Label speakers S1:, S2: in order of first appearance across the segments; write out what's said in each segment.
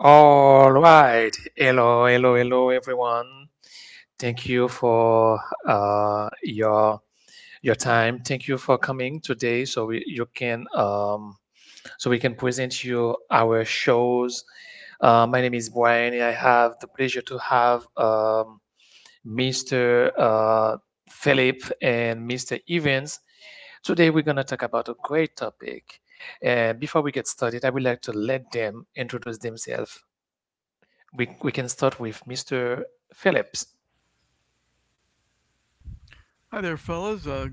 S1: All right. Hello, hello, hello, everyone. Thank you for uh, your your time. Thank you for coming today, so we can present you our shows. My name is Brian, and I have the pleasure to have Mr. Philip and Mr. Evans. Today we're gonna talk about a great topic. And before we get started, I would like to let them introduce themselves. We can start with Mr. Phillips.
S2: Hi there, fellas.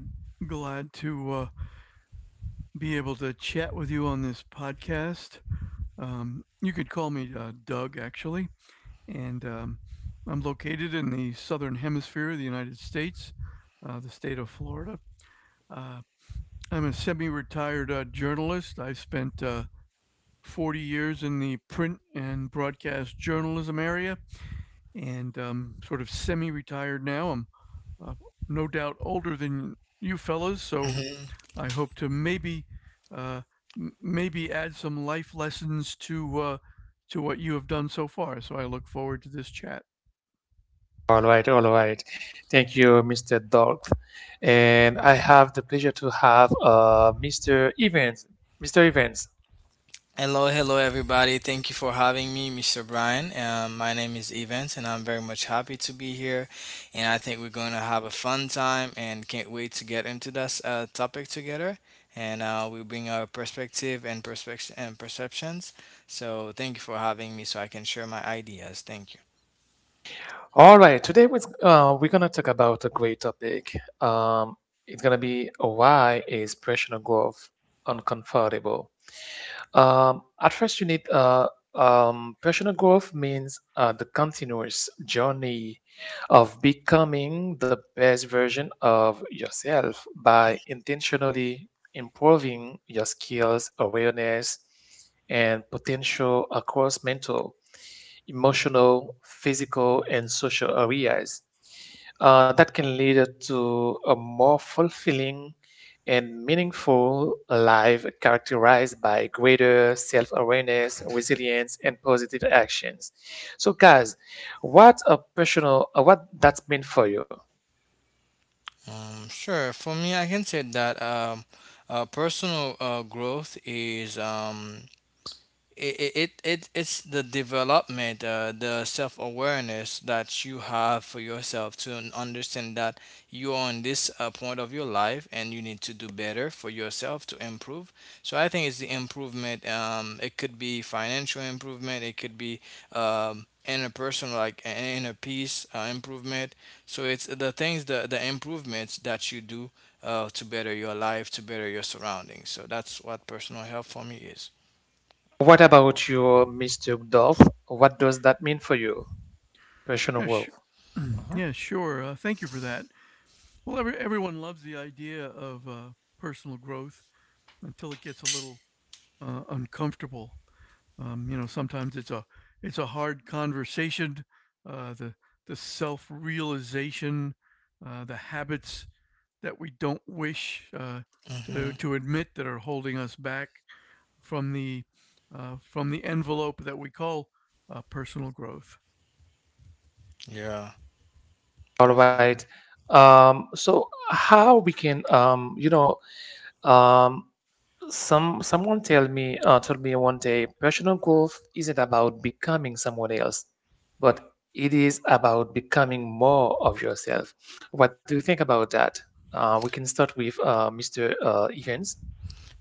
S2: Glad to be able to chat with you on this podcast. You could call me Doug, actually, and I'm located in the southern hemisphere of the United States, the state of Florida. Uh, I'm a semi retired journalist. I've spent 40 years in the print and broadcast journalism area, and sort of semi retired now. I'm uh, no doubt older than you fellas, so
S3: hmm
S2: I hope to maybe uh, maybe add some life lessons to what you have done so far. So I look forward to this chat.
S1: All right, all right. Thank you, Mr. Dolph. And I have the pleasure to have Mr. Evans. Mr. Evans.
S3: Hello, hello, everybody. Thank you for having me, Mr. Brian. My name is Evans, and I'm very much happy to be here. And I think we're going to have a fun time, and can't wait to get into this topic together. And we'll bring our perspective and perspective and perceptions. So thank you for having me, so I can share my ideas. Thank you.
S1: All right, today we're going to talk about a great topic. Um, it's going to be, why is personal growth uncomfortable? At first, you need personal growth means the continuous journey of becoming the best version of yourself by intentionally improving your skills, awareness, and potential across mental, emotional, physical, and social areas. That can lead to a more fulfilling and meaningful life characterized by greater self awareness, resilience, and positive actions. So, guys, what a what that's mean for you?
S3: Sure. For me, I can say that personal growth is. It's the development, the self-awareness that you have for yourself to understand that you are on this point of your life and you need to do better for yourself to improve. So I think it's the improvement. It could be financial improvement, it could be, interpersonal, like inner peace improvement. So it's the things, the improvements that you do to better your life, to better your surroundings. So that's what personal health for me is.
S1: What about you, Mr. Dolph? What does that mean for you, personal
S2: Yeah, sh-
S1: growth? Mhm.
S2: yeah, sure. Thank you for that. Well, everyone loves the idea of personal growth until it gets a little uncomfortable. You know, sometimes it's a hard conversation. Uh, the the self realization, the habits that we don't wish to
S3: Mhm.
S2: admit that are holding us back from the from the envelope that we call personal growth.
S3: Yeah,
S1: All
S3: definitely.
S1: right. So, how we can, you know, um, Some someone tell me told me one day personal growth isn't about becoming someone else, but it is about becoming more of yourself. What do you think about that? We can start with Mr. Evans.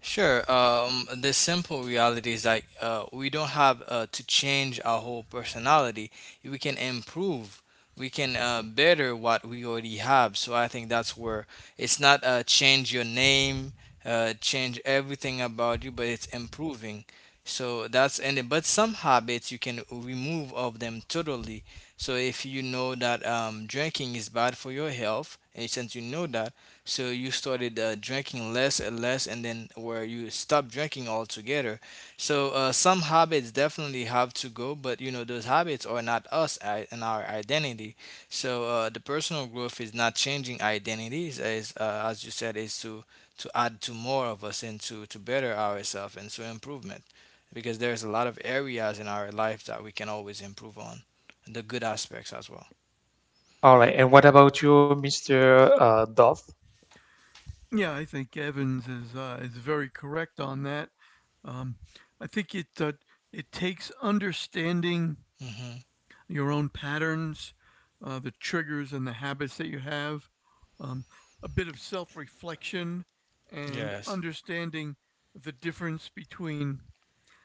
S3: Sure. The simple reality is, like, we don't have to change our whole personality. We can improve. We can better what we already have. So I think that's where it's not change your name, change everything about you, but it's improving. So that's, but some habits you can remove of them totally. So if you know that, drinking is bad for your health, and since you know that, so you started drinking less and less, and then where you stopped drinking altogether. So some habits definitely have to go, but you know those habits are not us and our identity. So the personal growth is not changing identities, as, as you said, is to add to more of us and to better ourselves and to improvement, because there's a lot of areas in our life that we can always improve on, the good aspects as well.
S1: All right, and what about you, Mr. Dove?
S2: Yeah, I think Evans is very correct on that. Um, I think it it takes understanding
S3: Hmm.
S2: your own patterns, the triggers and the habits that you have, um, a bit of self reflection, and
S3: Yes.
S2: understanding the difference between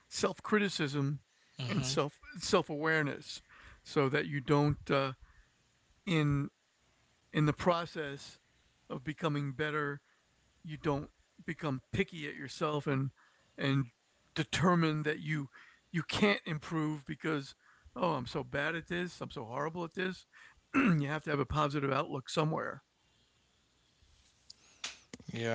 S2: self criticism and
S3: Hmm.
S2: self awareness, so that you don't in in the process of becoming better you don't become picky at yourself and and determine that you can't improve because oh, I'm so bad at this, I'm so horrible at this. You have to have a positive outlook somewhere.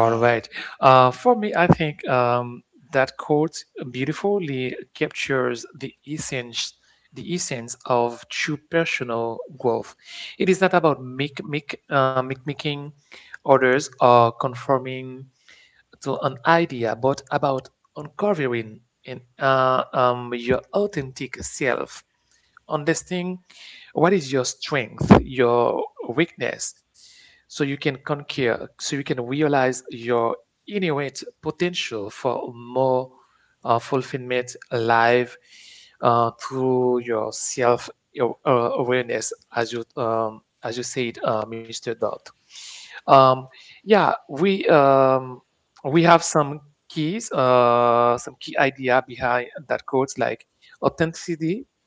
S1: All right. For me, I think that quote beautifully captures the essence of true personal growth. It is not about mimicking others or conforming to an idea, but about uncovering your authentic self. Understand what is your strength, your weakness, so you can conquer, so you can realize your innate potential for more fulfillment alive through awareness, as you said, Mr. Dot. Um, yeah, we um, we have some keys, some key idea behind that quotes, like authenticity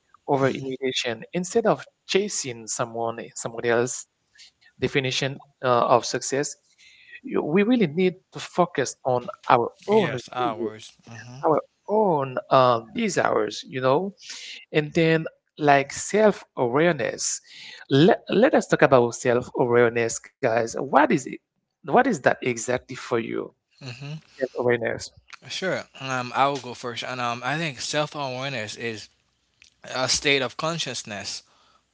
S1: over immediation. Instead of chasing someone, somebody else definition of success, we really need to focus on our own
S3: Yes,
S1: value,
S3: hours. Hmm.
S1: our own desires, you know. And then, like self-awareness, let us talk about self-awareness, guys. What is it? What is that exactly for you,
S3: Hmm.
S1: self-awareness?
S3: Sure. I will go first. And I think self awareness is a state of consciousness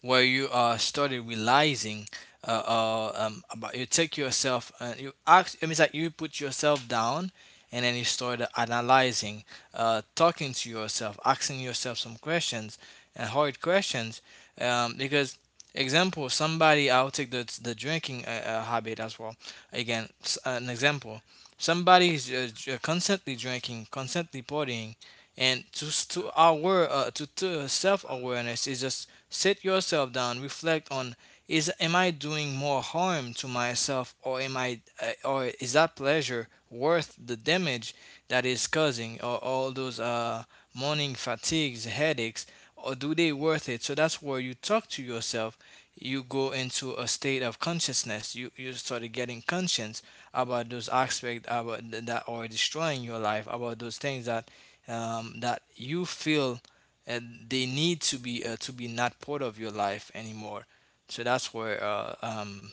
S3: where you started realizing, about, you take yourself and you ask, it means like you put yourself down and then you started analyzing, talking to yourself, asking yourself some questions, and hard questions. Because example, somebody, I'll take the drinking habit as well, an example. Somebody is constantly drinking, constantly partying, and to our, to self awareness is just sit yourself down, reflect on, is am I doing more harm to myself, or am I or is that pleasure worth the damage that is causing, or all those morning fatigues, headaches, or do they worth it? So that's where you talk to yourself. You go into a state of consciousness. You started getting conscious about those aspects, about that are destroying your life, about those things that that you feel uh, they need to be, to be not part of your life anymore. So that's where uh, um,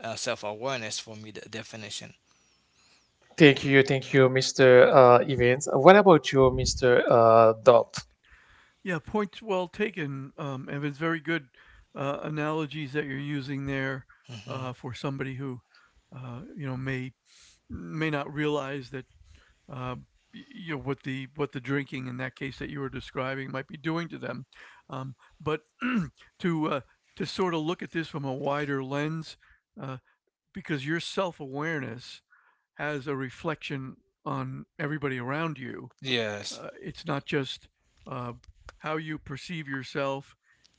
S3: uh, self awareness for me the definition.
S1: Thank you, Mr. Evans. What about you, Mr. Dot?
S2: Yeah, points well taken. Evan's very good analogies that you're using there
S3: Hmm.
S2: for somebody who you know, may not realize that uh, you know, what the drinking in that case that you were describing might be doing to them. Um, but to uh, to sort of look at this from a wider lens, uh, because your self awareness has a reflection on everybody around you.
S3: Yes.
S2: It's not just uh, how you perceive yourself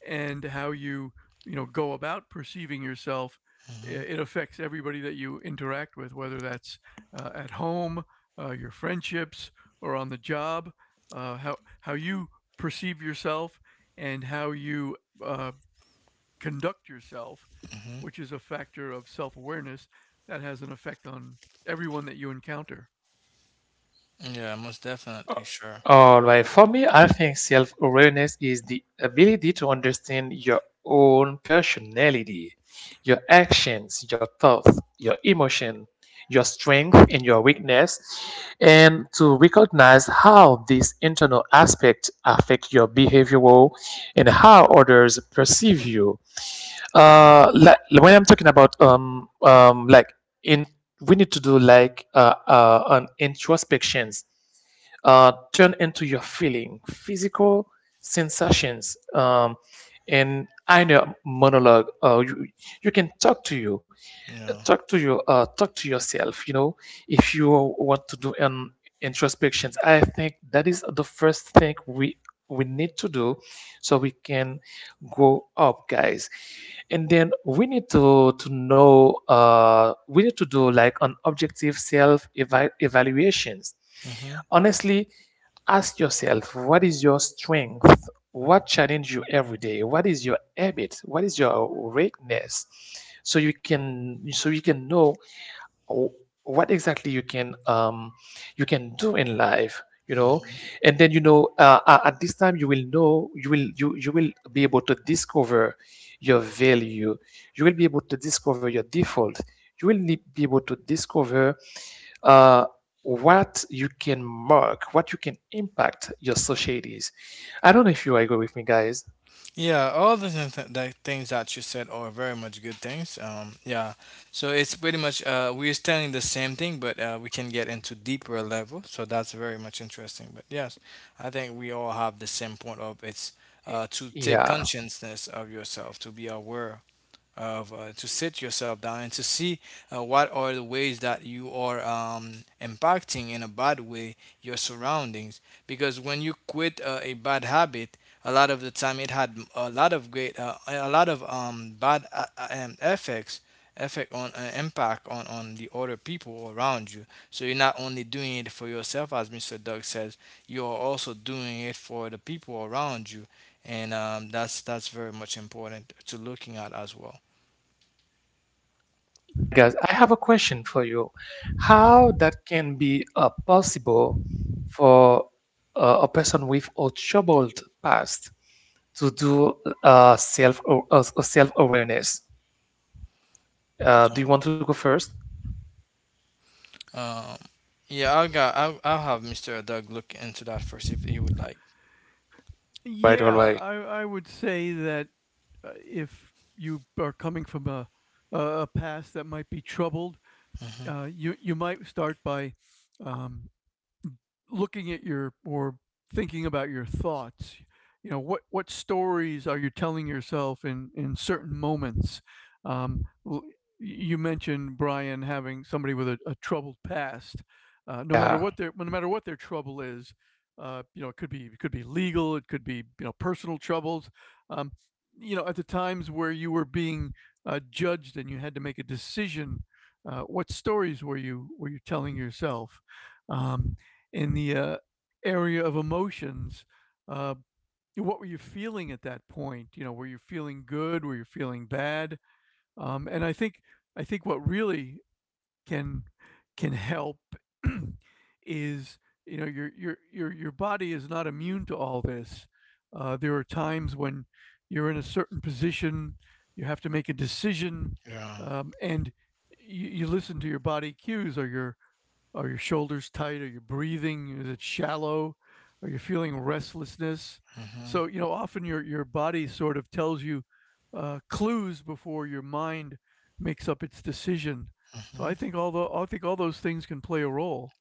S2: and how you you know go about perceiving yourself.
S3: Hmm.
S2: It affects everybody that you interact with, whether that's at home, your friendships, or on the job. How you perceive yourself and how you uh, conduct yourself,
S3: Hmm.
S2: which is a factor of self awareness that has an effect on everyone that you encounter.
S3: Yeah, most definitely. Sure.
S1: All right, for me, I think self awareness is the ability to understand your own personality, your actions, your thoughts, your emotion, your strength, and your weakness, and to recognize how these internal aspects affect your behavioral and how others perceive you. When I'm talking about like, in, we need to do like an introspections, turn into your feeling, physical sensations, and inner monologue. You, you can talk to you,
S3: Yeah.
S1: talk to your, talk to yourself, you know. If you want to do an introspections, I think that is the first thing we need to do so we can grow up, guys. And then we need to know, we need to do like an objective self evaluations
S3: Hmm.
S1: honestly. Ask yourself, what is your strength, what challenge you every day, what is your habit, what is your weakness, so you can, so you can know w- what exactly you can do in life, you know.
S3: Hmm.
S1: And then you know, at this time you will know, you will, you will be able to discover your value, you will be able to discover your default, you will be able to discover uh, what you can mark, what you can impact your societies. I don't know if you agree with me, guys.
S3: Yeah, all the, the things that you said are very much good things. Yeah, so it's pretty much, we're telling the same thing, but we can get into deeper level. So that's very much interesting. But yes, I think we all have the same point of, it's
S1: Y-
S3: to take
S1: yeah.
S3: consciousness of yourself, to be aware of, to sit yourself down and to see, what are the ways that you are, impacting in a bad way your surroundings, because when you quit a bad habit, a lot of the time it had a lot of great, a lot of bad effects, effect on, impact on the other people around you. So you're not only doing it for yourself, as Mr. Doug says, you are also doing it for the people around you. And that's very much important to looking at as well.
S1: Guys, I have a question for you. How that can be possible for a person with a troubled past to do uh, self self awareness? Do you want to go first?
S3: Um, yeah, I'll have Mr. Doug look into that first if he would like.
S1: Right, all
S2: Yeah,
S1: right.
S2: I would say that if you are coming from a past that might be troubled,
S3: Hmm.
S2: you you might start by um, looking at your, or thinking about your thoughts. You know, what stories are you telling yourself in certain moments? um, you mentioned, Brian, having somebody with a troubled past. No
S1: Yeah,
S2: matter what their, no matter what their trouble is, you know, it could be, it could be legal, it could be, you know, personal troubles. um, you know, at the times where you were being judged and you had to make a decision, what stories were you, were you telling yourself? um, in the area of emotions, uh, what were you feeling at that point? You know, were you feeling good? Were you feeling bad? And I think what really can can help. is You know, your your body is not immune to all this. There are times when you're in a certain position, you have to make a decision,
S3: Yeah.
S2: and you listen to your body cues. Or your, are your shoulders tight? Are you breathing? Is it shallow? Are you feeling restlessness?
S3: Hmm.
S2: So, you know, often your body sort of tells you clues before your mind makes up its decision. So I
S3: Hmm.
S2: think all the, I think all those things can play a role.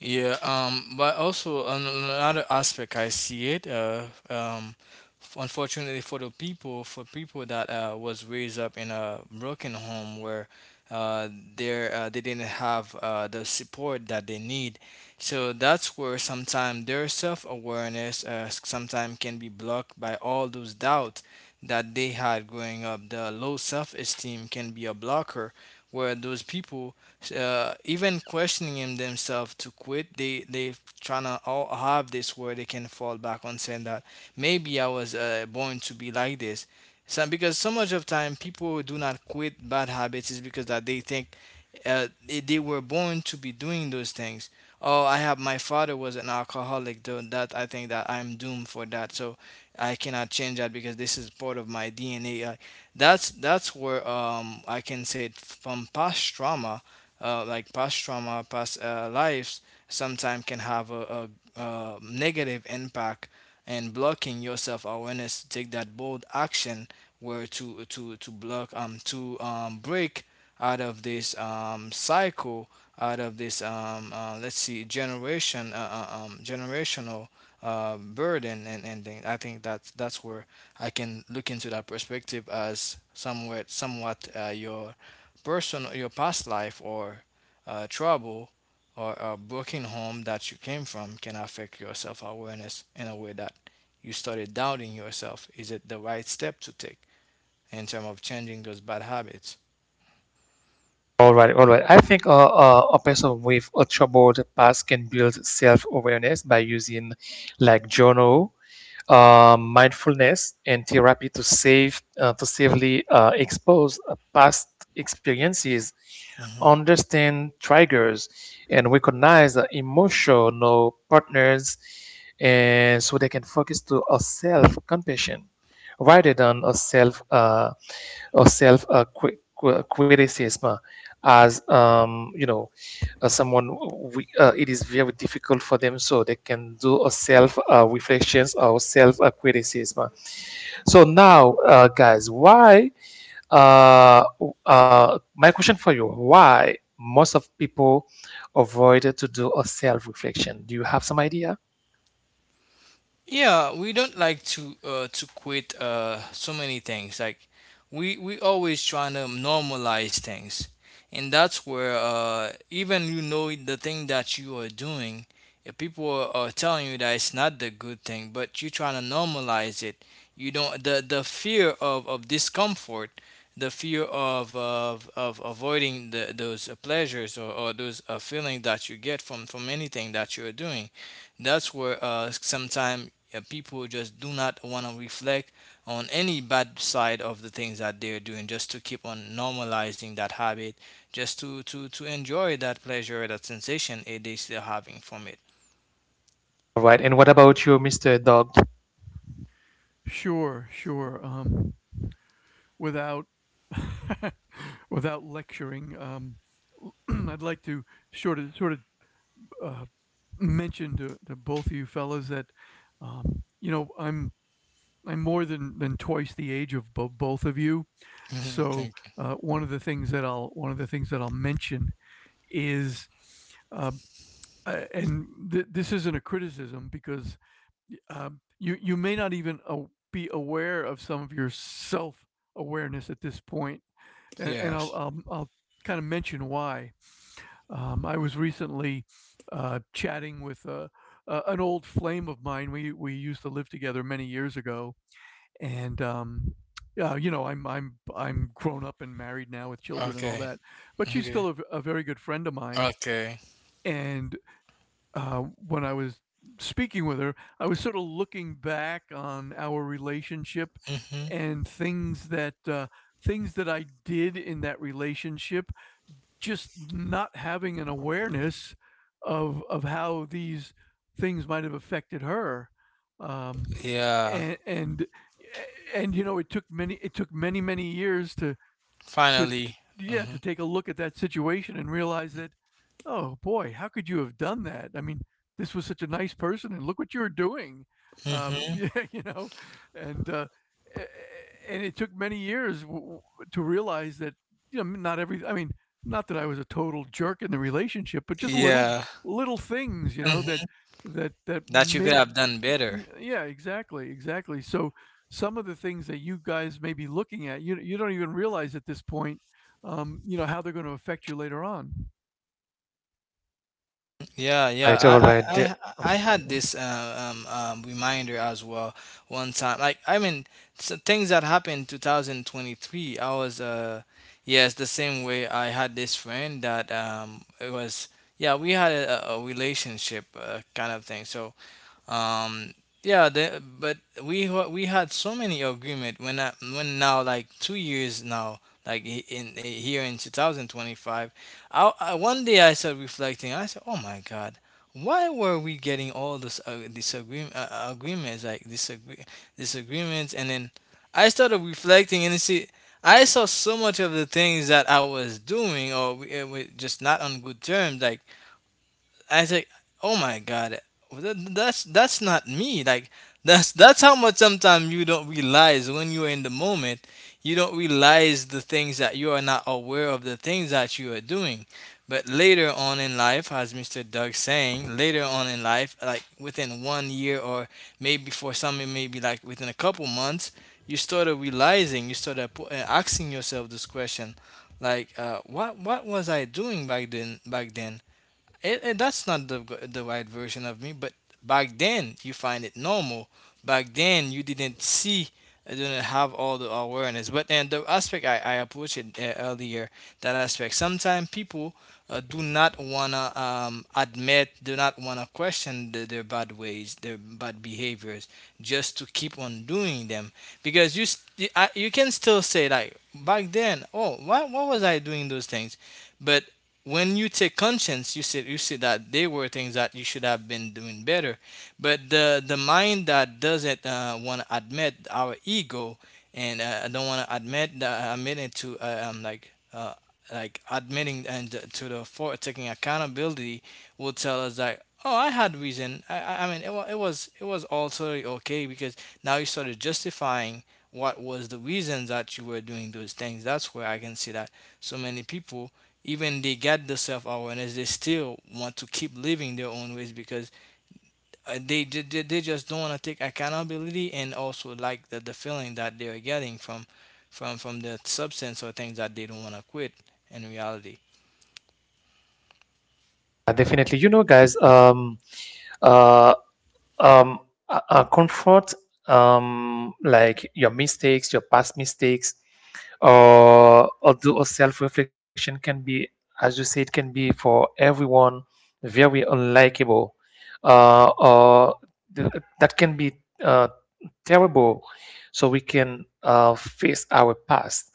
S3: Yeah, but also another aspect I see it, unfortunately for the people, for people that was raised up in a broken home where uh, they didn't have the support that they need. So that's where sometimes their self awareness sometimes can be blocked by all those doubts that they had growing up. The low self esteem can be a blocker where those people even questioning him themselves to quit, they trying to all have this where they can fall back on saying that, maybe I was born to be like this. So because so much of time people do not quit bad habits, is because that they think they were born to be doing those things. Oh, I have, my father was an alcoholic, though that I think that I'm doomed for that, so I cannot change that because this is part of my DNA. That's where I can say from past trauma, like past trauma, past lives, sometimes can have a negative impact and blocking your self awareness to take that bold action, where to block to break out of this cycle, out of this let's see generation generational burden and thing. I think that that's where I can look into that perspective as somewhat, somewhat your person or your past life or trouble or a broken home that you came from can affect your self awareness in a way that you started doubting yourself. Is it the right step to take in terms of changing those bad habits?
S1: all right, all right. I think a person with a troubled past can build self awareness by using like journal, mindfulness and therapy to save to safely expose past experiences,
S3: Mm-hmm.
S1: understand triggers, and recognize the emotional partners, and so they can focus to a self compassion rather than a self or self cri- cri- criticism. As You know, someone, it is very difficult for them, so they can do a self reflections or self criticism. So now, guys, why, uh, my question for you, why most of people avoid to do a self reflection? Do you have some idea?
S3: Yeah, we don't like to quit so many things. Like we always trying to normalize things, and that's where even you know the thing that you are doing, if people are telling you that it's not the good thing, but you trying to normalize it. You don't, the fear of discomfort, the fear of avoiding the, those pleasures, or those feelings that you get from anything that you're doing, that's where sometimes, yeah, people just do not want to reflect on any bad side of the things that they're doing, just to keep on normalizing that habit, just to enjoy that pleasure, that sensation they still having from it.
S1: All right. And what about you, Mr. Dog?
S2: Sure, sure. Without without lecturing, I'd like to sort of uh, mention to both of you fellas that you know, I'm more than twice the age of both of you,
S3: Mhm,
S2: so
S3: thank
S2: one of the things that I'll mention is, uh, and this isn't a criticism because uh, you you may not even be aware of some of your self awareness at this point,
S3: you.
S2: and,
S3: Yes.
S2: I'll kind of mention why. I was recently chatting with a. An old flame of mine. We used to live together many years ago, and um, yeah, you know, I'm grown up and married now with children and all
S3: Okay.
S2: that, but she's
S3: Okay.
S2: still a very good friend of mine.
S3: Okay.
S2: And when I was speaking with her, I was sort of looking back on our relationship
S3: Hmm.
S2: and things that I did in that relationship, just not having an awareness of how these things might have affected her. Um,
S3: Yeah.
S2: and and you know, it took many many years to to,
S3: Finally.
S2: yeah, to
S3: Hmm.
S2: take a look at that situation and realize that, oh boy, how could you have done that? I mean, this was such a nice person and look what you were doing. Um,
S3: Hmm.
S2: yeah, you know, and uh, and it took many years to realize that, you know, not every, I mean, not that I was a total jerk in the relationship, but just little
S3: Yeah.
S2: little things, you know, that
S3: Hmm.
S2: that
S3: That you could
S2: may,
S3: have done better.
S2: yeah, exactly, exactly. So some of the things that you guys may be looking at, you don't even realize at this point, you know, how they're going to affect you later on.
S3: Yeah, yeah.
S1: Right. All
S3: I,
S1: right.
S3: I, I, I had this reminder as well one time. Like, I mean, s things that happened 2023. I was, yes, the same way. I had this friend that, it was, yeah, we had a relationship kind of thing. So um yeah the, but we had so many agreement when I, when now like two years now, like in, here in 2025. I One day I started reflecting, I said, oh my god, why were we getting all this disagreement, agreements, like disagree, disagreements. And then I started reflecting, and you see, I saw so much of the things that I was doing, or we just not on good terms. Like I say, oh my god, that's not me. Like that's how much sometimes you don't realize when you're in the moment. You don't realize the things that you are not aware of, the things that you are doing. But later on in life, as Mr. Doug saying, later on in life, like within one year, or maybe for some it may be like within a couple months, you started realizing, you started asking yourself this question, like, what was I doing back then? Back then, that's not the the right version of me, but back then you find it normal, back then you didn't see you didn't have all the awareness. But then the aspect I approached it earlier, that aspect, sometimes people do not want to admit, do not want to question their bad ways, their bad behaviors, just to keep on doing them, because you you can still say like back then, oh why, what was I doing those things. But when you take conscience, you see, you see that there were things that you should have been doing better. But the mind that doesn't want to admit our ego. And I don't want to admit that, admit it to like admitting and to the for taking accountability. Will tell us that, oh, I had reason. I mean it was, it was all totally okay because now you started justifying what was the reasons that you were doing those things. That's where I can see that so many people, even they got the self-awareness, they still want to keep living their own ways because they just don't want to take accountability, and also like the feeling that they are getting from from the substance or things that they don't want to quit in reality.
S1: Yeah, definitely. You know, guys, uh, um comfort, like your mistakes, your past mistakes, or although a self-reflection can be, as you say, it can be for everyone very unlikable, uh or th- that can be uh terrible. So we can face our past.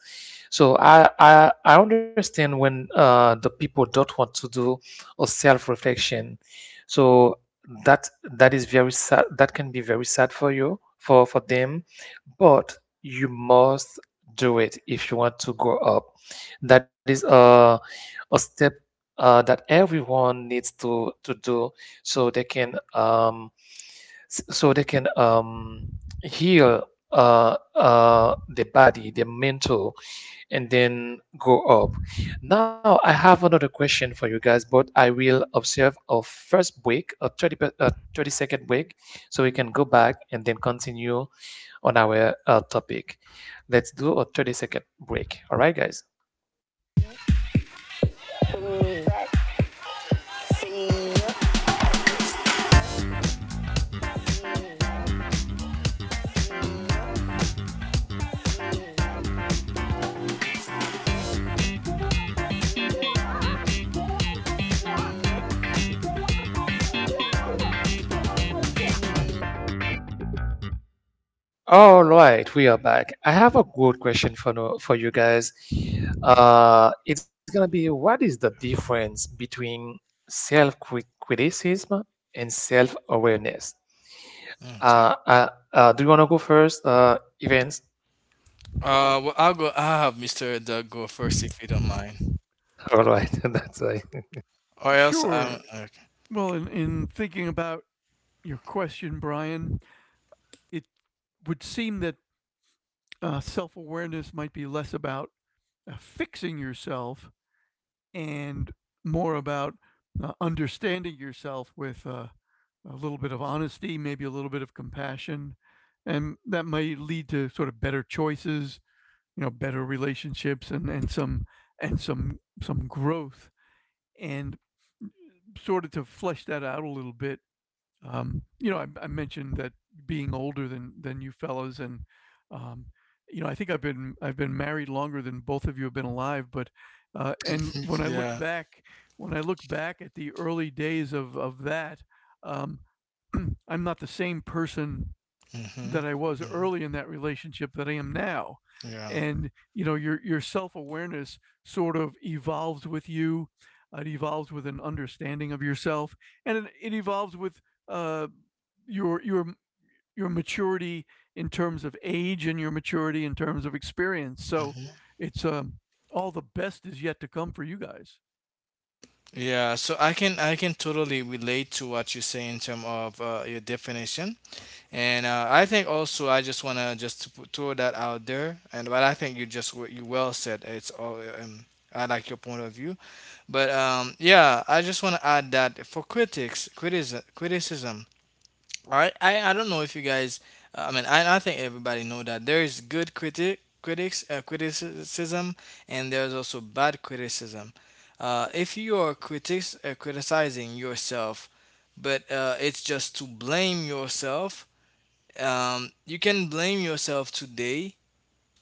S1: So I understand when the people don't want to do a self-reflection. So that, that is very sad, that can be very sad for you, for them. But you must do it if you want to grow up. That is a step that everyone needs to do, so they can so they can heal the body, the mental, and then go up. Now, I have another question for you guys, but I will observe a first break, a a 30-second break, so we can go back and then continue on our topic. Let's do a 30-second break. All right, guys. All right, we are back. I have a good question for, no, for you guys. It's gonna be, what is the difference between self criticism and self awareness?
S3: Okay.
S1: Do you wanna go first, events?
S3: Well, I'll have Mr. Doug go first, if you don't mind.
S1: All right, that's
S3: Or else I'm
S2: Sure.
S3: okay.
S2: Well, in thinking about your question, Brian, it would seem that self awareness might be less about fixing yourself and more about understanding yourself with a little bit of honesty, maybe a little bit of compassion. And that might lead to sort of better choices, you know, better relationships and and some growth. And sort of to flesh that out a little bit, you know, I mentioned that, being older than you fellows, and um, you know, I think I've been married longer than both of you have been alive, but and when I look
S3: Yeah.
S2: back, at the early days of that, um, I'm not the same person
S3: Mm-hmm.
S2: that I was
S3: Mm-hmm.
S2: early in that relationship that I am now.
S3: Yeah.
S2: And you know, your self-awareness sort of evolves with you. It evolves with an understanding of yourself, and it evolves with uh, your your your maturity in terms of age and your maturity in terms of experience. So
S3: Hmm.
S2: it's all the best is yet to come for you guys.
S3: Yeah, so I can, I can totally relate to what you say in terms of your definition. And I think also I just wanna, just to throw that out there. And but I think you well said. It's all I like your point of view. But yeah, I just wanna add that for criticism. I don't know if you guys. I think everybody know that there is good criticism, and there's also bad criticism. If you are critics criticizing yourself, but it's just to blame yourself. Um, you can blame yourself today,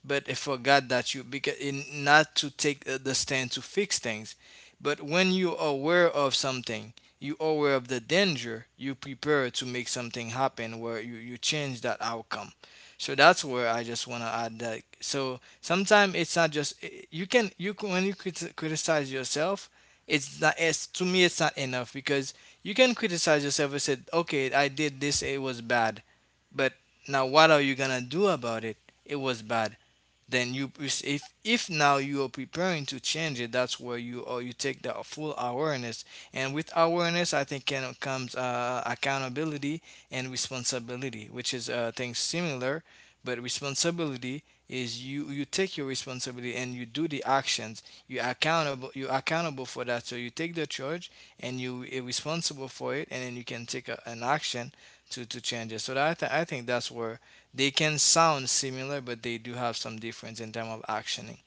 S3: but I forgot that you because in not to take the stand to fix things. But when you're aware of something, you're aware of the danger, you prepare to make something happen where you change that outcome. So that's where I just want to add that. So sometimes it's not just you can when you criticize yourself, it's, to me it's not enough because you can criticize yourself and said, okay, I did this, it was bad, but now what are you gonna do about it? It was bad, then you, if now you are preparing to change it, that's where you, or you take the full awareness. And with awareness, I think, can comes accountability and responsibility, which is things similar. But responsibility is you take your responsibility and you do the actions. You accountable, you accountable for that, so you take the charge and you are responsible for it, and then you can take a, an action to change it. So that I think that's where they can sound similar, but they do have some difference in terms of actioning.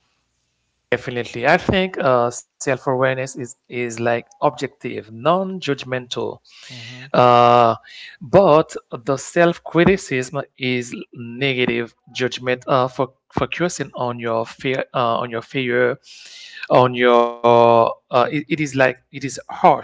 S1: definitely. I think self awareness is like objective, non judgmental.
S3: Mm-hmm.
S1: Uh, but the self criticism is negative judgment for focusing on your fear, on your failure, on your. It is like it is harsh.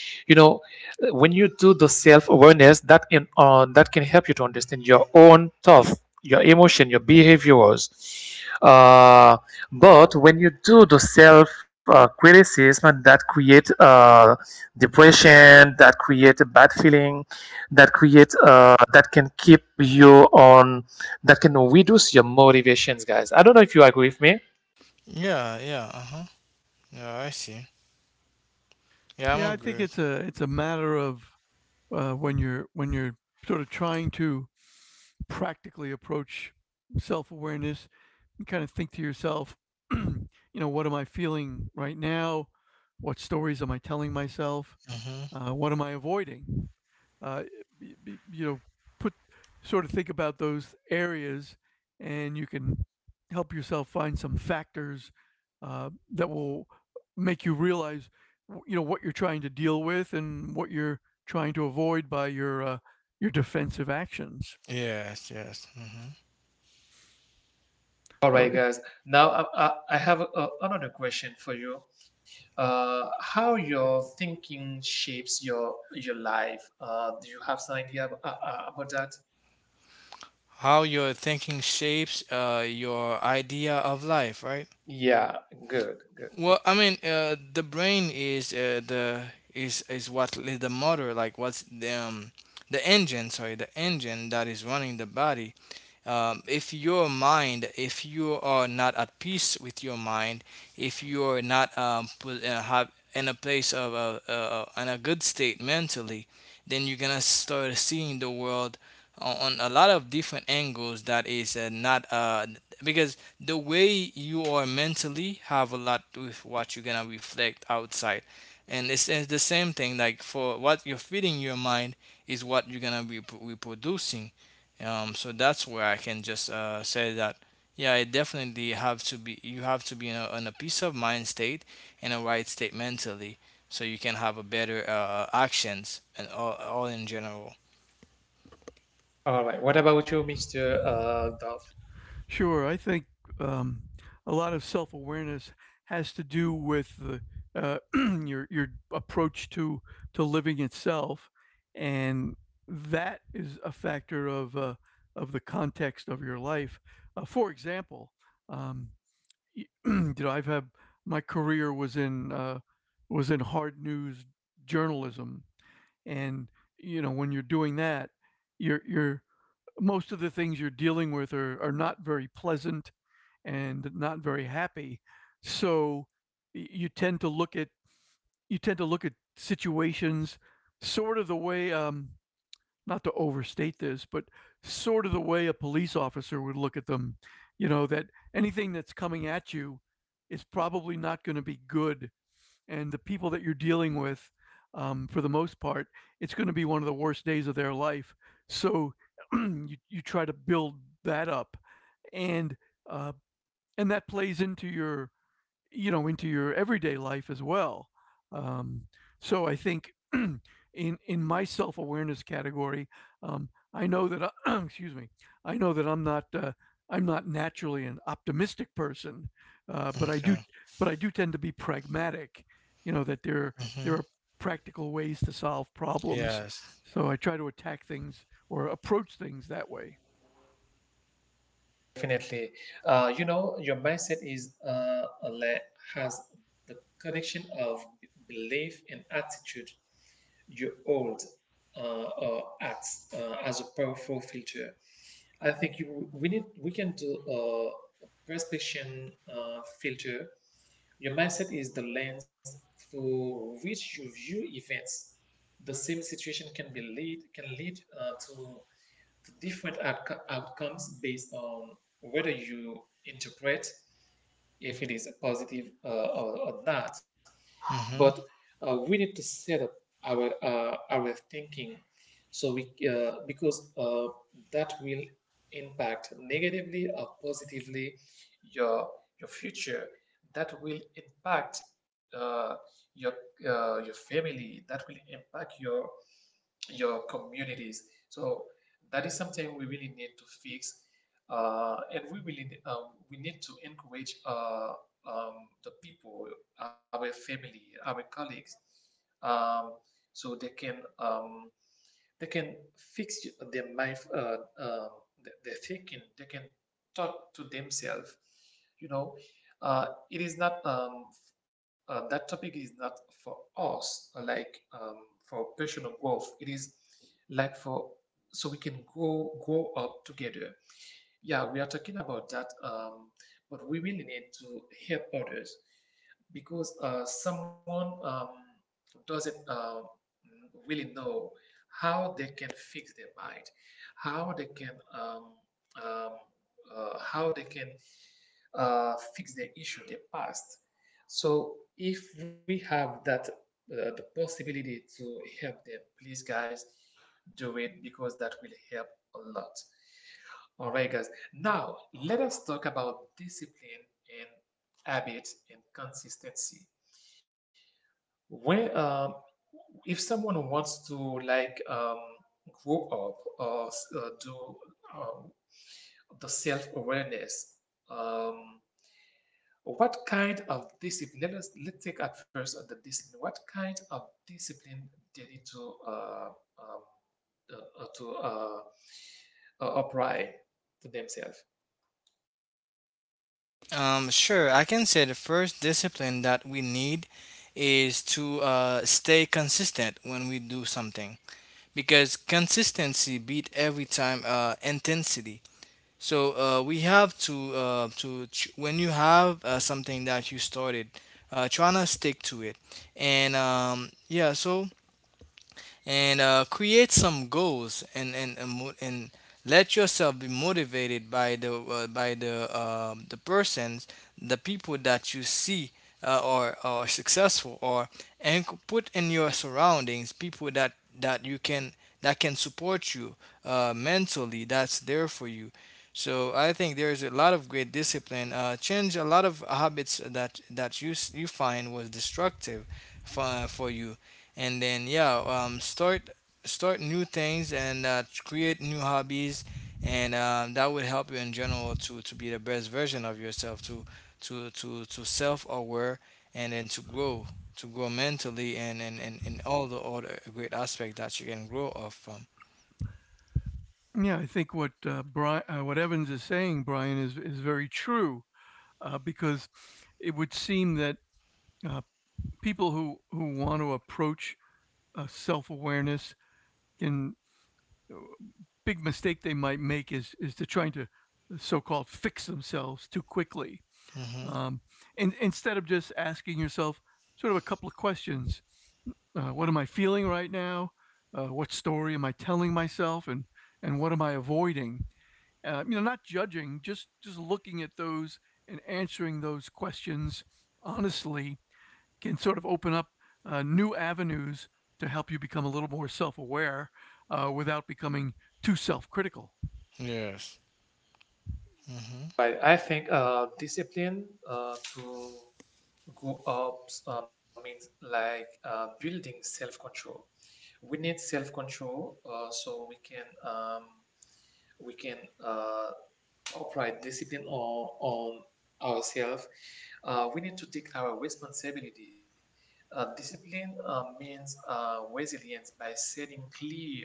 S1: You know, when you do the self awareness, that can help you to understand your own thought, your emotion, your behaviors. Uh, but when you do the self criticism, that create depression, that create a bad feeling, that create that can keep you on, that can reduce your motivations, guys. I don't know if you agree with me.
S3: Yeah, yeah, uh-huh. Yeah, I see. Yeah,
S2: Yeah,
S3: I'm
S2: I think
S3: agreed.
S2: it's a matter of when you're sort of trying to practically approach self-awareness. You kind of think to yourself, you know, what am I feeling right now? What stories am I telling myself?
S3: Mm-hmm.
S2: What am I avoiding? Uh, you know, put sort of think about those areas, and you can help yourself find some factors that will make you realize, you know, what you're trying to deal with and what you're trying to avoid by your defensive actions.
S3: Yes, yes. Mm-hmm.
S1: All
S2: So
S1: right,
S2: it,
S1: guys. Now I have another question for you. How your thinking shapes your life? Do you have some idea about that?
S3: How your thinking shapes your idea of life, right?
S1: Yeah, good, good.
S3: Well, I mean, the brain is the is what is the motor, like what's the engine, sorry, the engine that is running the body. Um, if your mind, if you are not at peace with your mind, if you are not have in a place of in a good state mentally, then you're gonna start seeing the world on a lot of different angles that is not because the way you are mentally have a lot with what you're gonna reflect outside. And it's the same thing, like for what you're feeding your mind is what you're gonna be reproducing. Um, so that's where I can just say that, yeah, I definitely have to be, you have to be in a peace of mind state and a right state mentally, so you can have a better actions and all in general.
S1: All right. What about you, Mister Dolph?
S2: sure. I think um, a lot of self awareness has to do with the, uh, your approach to living itself, and that is a factor of the context of your life. For example, um, you know, I've had, my career was in hard news journalism, and you know, when you're doing that, you're, most of the things you're dealing with are not very pleasant and not very happy. So you tend to look at you tend to look at situations sort of the way, not to overstate this, but sort of the way a police officer would look at them. You know that anything that's coming at you is probably not going to be good, and the people that you're dealing with, for the most part, it's going to be one of the worst days of their life. So you try to build that up, and uh, and that plays into your, you know, into your everyday life as well. Um, so I think in my self awareness category, I know that excuse me, I know that I'm not naturally an optimistic person, but I do,
S3: Okay.
S2: but I do tend to be pragmatic. You know that there
S3: Hmm.
S2: are practical ways to solve problems,
S3: Yes.
S2: so I try to attack things or approach things that way.
S1: Definitely. You know, your mindset is has the connection of belief and attitude you hold, or acts as a powerful filter. I think you, we need, we can do a perception filter. Your mindset is the lens through which you view events. The same situation can be lead can lead to the different outcomes based on whether you interpret if it is positive or not. But
S3: Hmm.
S1: we need to set up our thinking, so we because that will impact negatively or positively your your future. That will impact uh, your your family. That will impact your communities. So that is something we really need to fix, and we really we need to encourage um, the people, our family, our colleagues, um, so they can fix their mind, uh, their thinking. They can talk to themselves. You know, it is not that topic is not for us, like for personal growth. It is like for so we can go grow up together. Yeah, we are talking about that, but we really need to help others because someone doesn't really know how they can fix their mind, how they can um, um, how they can fix their issue, their past. So if we have that the possibility to help them, please, guys, do it, because that will help a lot. All right, guys. Now, let us talk about discipline and habit and consistency. When, um, if someone wants to like grow up or do um, the self-awareness, um, what kind of discipline? Let us, let's take at first the discipline. What kind of discipline they need to um, uh, uh, to uh, apply to themselves.
S3: Um, sure, I can say the first discipline that we need is to stay consistent when we do something, because consistency beat every time intensity. So we have to when you have something that you started, trying to stick to it, and yeah. So and create some goals and let yourself be motivated by the the persons, the people that you see or are successful, or and put in your surroundings people that that you can, that can support you mentally, that's there for you. So I think there's a lot of great discipline. Change a lot of habits that that you find was destructive for you. And then yeah, start start new things and create new hobbies, and that would help you in general to be the best version of yourself, to to self-aware, and then to grow, to grow mentally and all the other great aspect that you can grow off from.
S2: Yeah, I think what Evans is saying, Brian, is very true. Because it would seem that uh, people who want to approach self awareness can uh, big mistake they might make is to trying to so-called fix themselves too quickly,
S3: Hmm.
S2: um, and instead of just asking yourself sort of a couple of questions. What am I feeling right now? What story am I telling myself? And what am I avoiding? You know, not judging, just looking at those and answering those questions honestly can sort of open up new avenues to help you become a little more self-aware, without becoming too self-critical.
S3: Yes. Hmm.
S1: But I think discipline to go up means like building self control. We need self control so we can we can uh, apply discipline on ourselves. We need to take our responsibility. Discipline means resilience by setting clear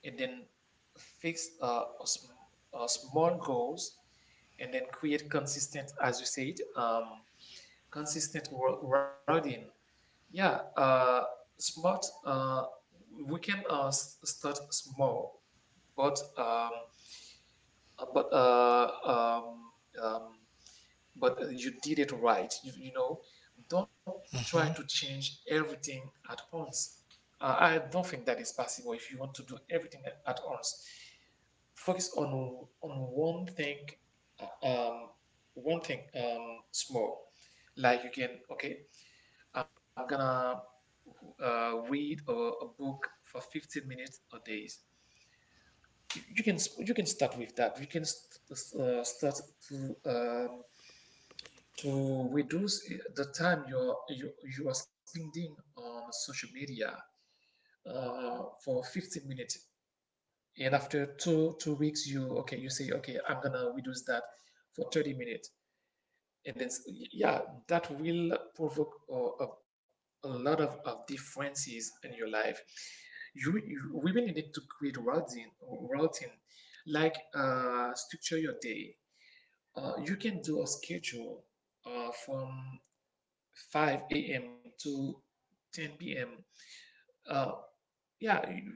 S1: and then fix a small goals, and then create consistent, as you said, consistent wording. Yeah, smart. We can start small, but uh, but uh, um, um, you did it right. Don't try to
S3: Hmm.
S1: change everything at once. I don't think that is possible if you want to do everything at once. Focus on one thing, uh, um one thing, small, like, you can, okay, I'm gonna read a book for 15 minutes a days. You can start with that. You can start to to reduce the time you are spending on social media for 15 minutes. And after two weeks, you, okay, you say, okay, I'm gonna reduce that for 30 minutes. And then, yeah, that will provoke a lot of differences in your life. You we really need to create routine, routine, like structure your day. You can do a schedule from 5 a.m. to 10 p.m. Uh yeah,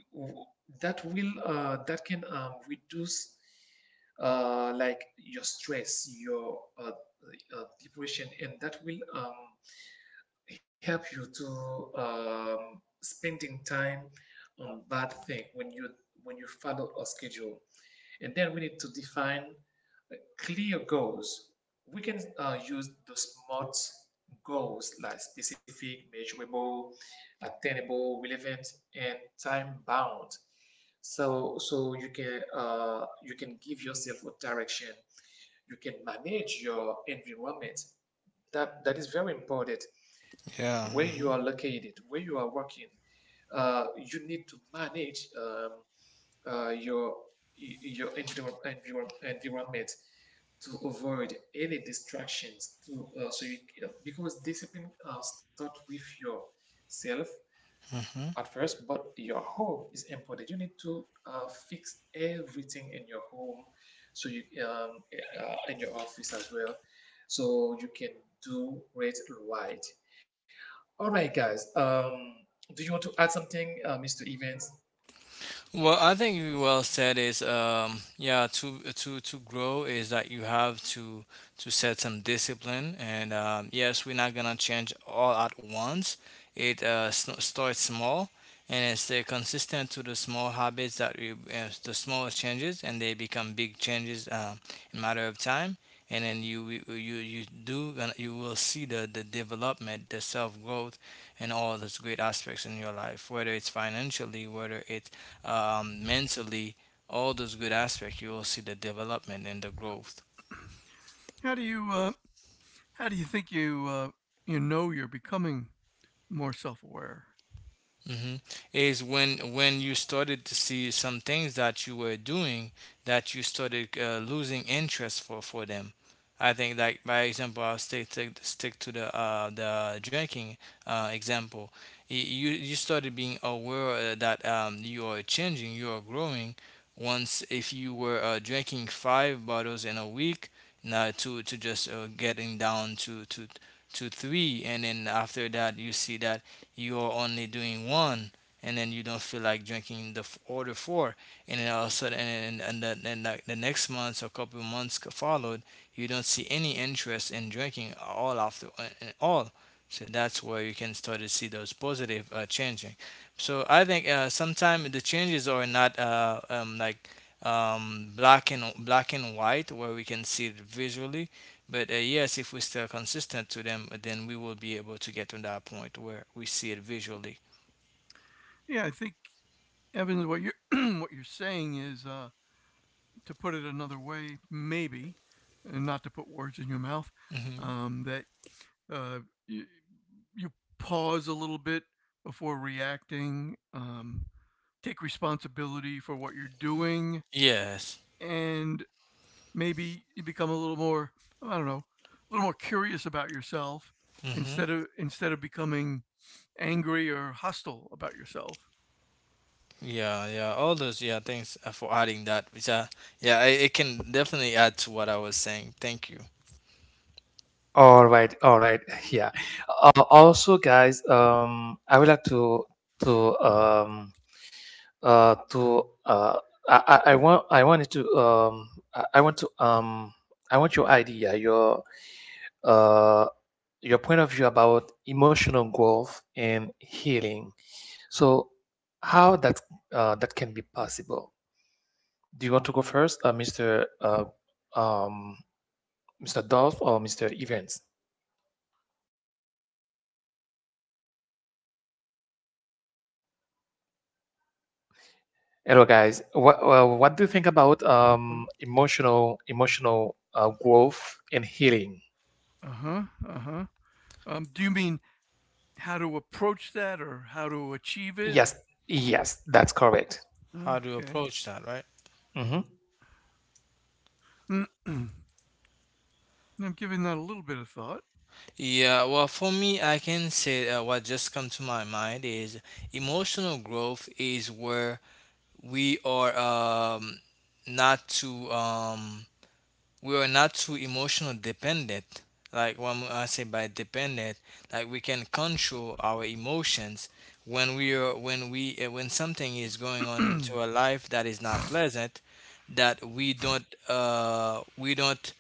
S1: that will that can reduce, like, your stress, your depression, and that will help you to spending time on that thing when you, follow a schedule. And then we need to define clear goals. We can use the smart goals, like specific, measurable, attainable, relevant, and time bound. So you can, give yourself a direction. You can manage your environment. That is very important, where
S3: Yeah.
S1: you are
S3: Hmm.
S1: located, where you are working. You need to manage your your environ- environ- environment, to avoid any distractions, because discipline start with yourself
S3: Hmm.
S1: at first, but your home is important. You need to fix everything in your home, so you, in your office as well, so you can do it right. All right, guys. Do you want to add something, Mr. Evans?
S3: Well, I think you well said is um, yeah, to grow is that you have to set some discipline, and yes, we're not gonna change all at once. It starts small, and then stay consistent to the small habits that you the small changes, and they become big changes in matter of time. And then you do gonna, you will see the development, the self growth, and all those great aspects in your life, whether it's financially, whether it's mentally, all those good aspects, you will see the development and the growth.
S2: How do you uh, how do you think you know you're becoming more self-aware?
S3: Hmm. Is when you started to see some things that you were doing that you started losing interest for them. I think like by example, I'll stick to, stick to the drinking example. You, you started being aware that you are changing, you are growing. Once, if you were drinking five bottles in a week, now to just getting down to three, and then after that you see that you are only doing one, and then you don't feel like drinking the order four. And then all of a sudden, the next months or couple of months followed, you don't see any interest in drinking all after all. So that's where you can start to see those positive changing. So I think sometimes the changes are not like black and white, where we can see it visually. But yes, if we stay consistent to them, then we will be able to get to that point where we see it visually.
S2: Yeah, I think Evan, what you're what you're saying is to put it another way, maybe, and not to put words in your mouth,
S3: Hmm.
S2: that uh, you, you pause a little bit before reacting. Take responsibility for what you're doing,
S3: Yes.
S2: and maybe you become a little more, I don't know, a little more curious about yourself
S3: Hmm.
S2: instead of becoming angry or hostile about yourself.
S3: Yeah, yeah. All those, yeah, thanks for adding that. Which, yeah, I, it can definitely add to what I was saying. Thank you.
S1: All right, all right. Yeah. But also, guys, I would like to um, to I, I I want I wanted to um, I, I want to um, I want your idea, uh, your point of view about emotional growth and healing. So, how that can be possible? Do you want to go first, Mr. Um, Mr. Dolph or Mr. Evans? Hello, guys. What do you think about emotional growth and healing?
S2: Uh-huh, uh-huh. Um, do you mean how to approach that or how to achieve it?
S1: Yes, yes, that's correct.
S3: How to
S2: Okay.
S3: approach that, right?
S1: Hmm.
S2: I'm giving that a little bit of thought.
S3: Yeah, well, for me, I can say what just come to my mind is, emotional growth is where we are not too we are not too emotional dependent. Like when I say by dependent, like we can control our emotions, when we are, when we when something is going
S2: Yeah,
S3: on to our life that is not pleasant, that we don't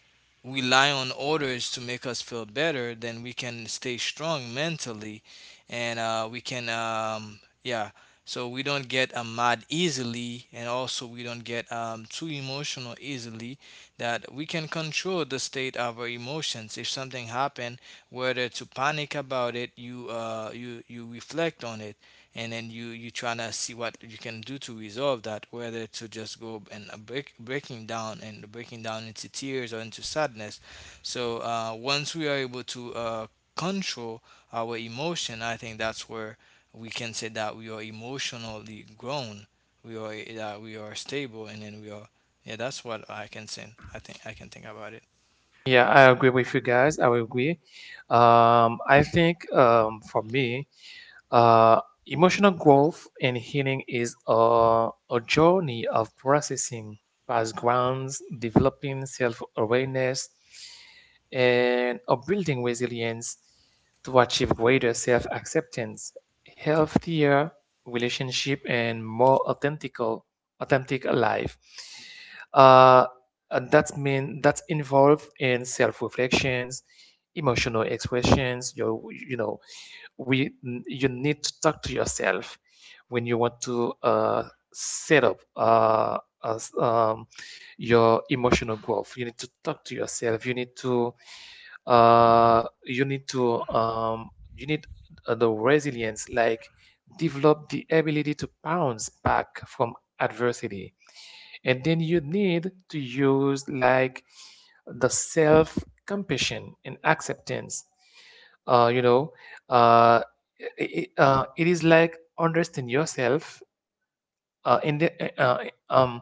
S3: rely on orders to make us feel better. Then we can stay strong mentally, and we can um, yeah. So we don't get mad easily, and also we don't get too emotional easily, that we can control the state of our emotions. If something happened, whether to panic about it, you reflect on it, and then you try to see what you can do to resolve that. Whether to just go and breaking down and breaking down into tears or into sadness. So once we are able to control our emotion, I think that's where we can say that we are emotionally grown. We are we are stable, and then we are, yeah, that's what I can think. I think I can think about it.
S1: Yeah, I agree with you guys. I will agree. I think, for me. Uh, Emotional growth and healing is a journey of processing past grounds, developing self awareness, and of building resilience to achieve greater self acceptance, healthier relationship, and more authentic life. Uh, and that's mean that's involved in self reflections, emotional expressions. We you need to talk to yourself when you want to set up, your emotional growth. You need to talk to yourself. You need to you need to you need the resilience, like develop the ability to bounce back from adversity. And then you need to use, like, the self compassion and acceptance. uh, you know uh, it is like understand yourself, uh, in the, uh, um,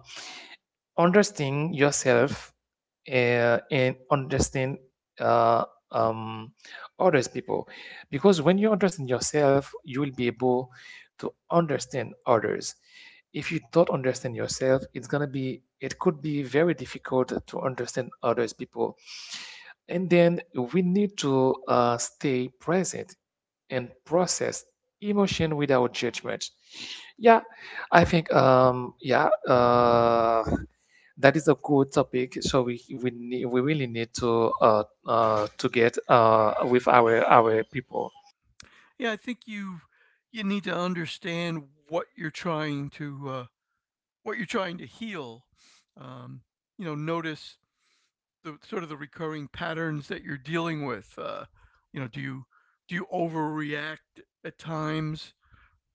S1: understand yourself and understand, uh, um, others people, because when you understand yourself, you will be able to understand others. If you don't understand yourself, it's going to be, it could be very difficult to understand others people. And then we need to stay present and process emotion without judgment. Yeah, I think, yeah, that is a good topic. So we need, we really need to get with our people.
S2: I think you you need to understand what you're trying to what you're trying to heal. Um, you know, notice the sort of the recurring patterns that you're dealing with. You know, do you overreact at times?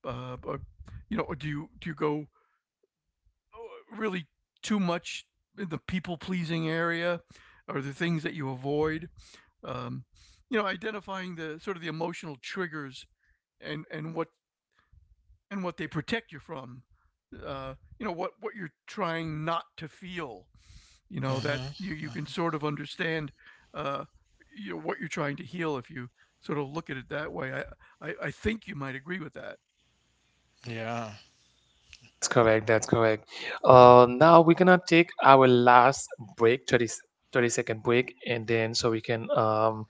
S2: Or, you know, or do you go really too much in the people pleasing area? Or the things that you avoid? Um, you know, identifying the sort of the emotional triggers and and what they protect you from. Uh, you know what you're trying not to feel, you know, that
S3: Hmm.
S2: you can sort of understand uh you know what you're trying to heal if you sort of look at it that way. I think you might agree with that.
S3: Yeah.
S1: That's correct. That's correct. Now we're gonna take our last break, 30, 30-second break, and then so we can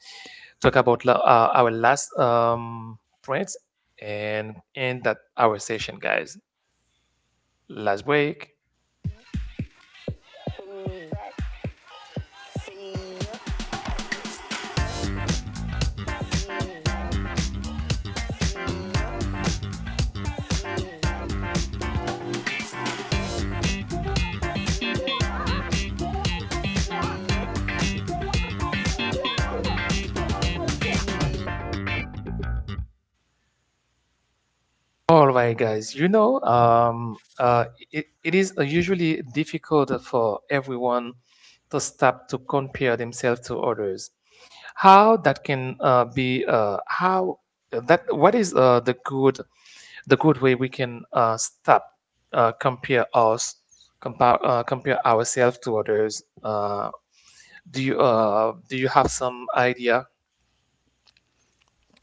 S1: talk about our last points, and end that our session, guys. Last week. All right, guys. It it is usually difficult for everyone to stop to compare themselves to others. How that can be? How that? What is the good, the good way we can stop compare us compare compare ourselves to others? Do you have some idea?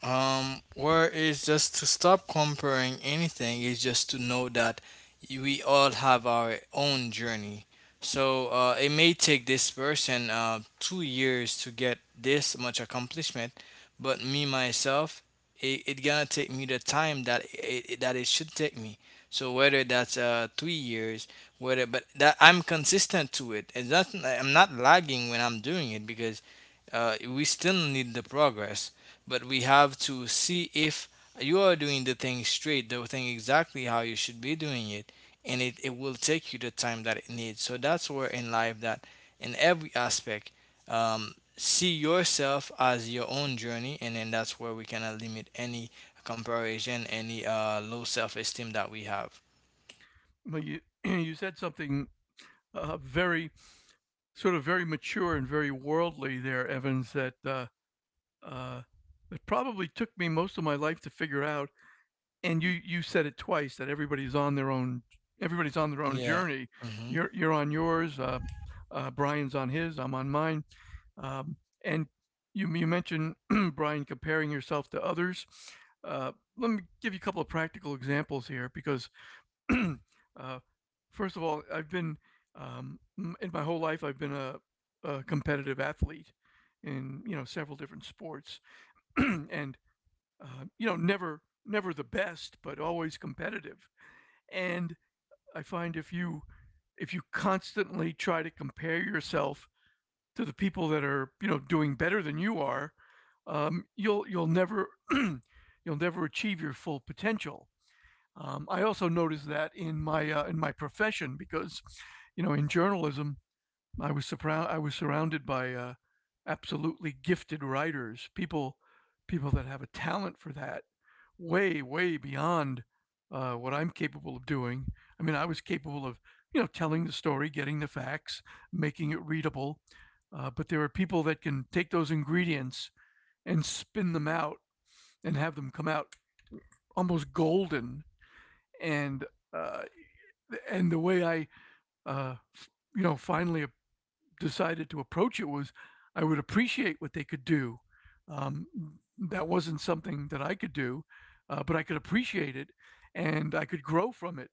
S3: Where it's just to stop comparing anything is just to know that we all have our own journey. So it may take this person 2 years to get this much accomplishment, but me myself, it gonna take me the time that that it should take me. So whether that's 3 years, whether but that I'm consistent to it, and that's I'm not lagging when I'm doing it because we still need the progress. But we have to see if you are doing the thing straight, the thing exactly how you should be doing it, and it will take you the time that it needs. So that's where in life that in every aspect, see yourself as your own journey, and then that's where we cannot limit any comparison, any low self esteem that we have.
S2: But you you said something very sort of very mature and very worldly there, Evans, that uh that probably took me most of my life to figure out. And you said it twice, that everybody's on their own. Everybody's on their own
S3: Yeah.
S2: journey.
S3: Mm-hmm.
S2: You're on yours, Brian's on his, I'm on mine. Um, and you, you mentioned, Brian, comparing yourself to others. Uh, let me give you a couple of practical examples here because, uh, first of all, I've been, um, in my whole life, I've been a competitive athlete in, you know, several different sports, and, you know, never, never the best, but always competitive. And I find if you constantly try to compare yourself to the people that are you know doing better than you are, you'll never you'll never achieve your full potential. I also noticed that in my profession because you know in journalism I was surrounded by absolutely gifted writers, people that have a talent for that, way beyond what I'm capable of doing. I mean, I was capable of, you know, telling the story, getting the facts, making it readable, but there are people that can take those ingredients and spin them out and have them come out almost golden. And uh, and the way I uh, you know finally decided to approach it was I would appreciate what they could do. Um, that wasn't something that I could do, but I could appreciate it and I could grow from it.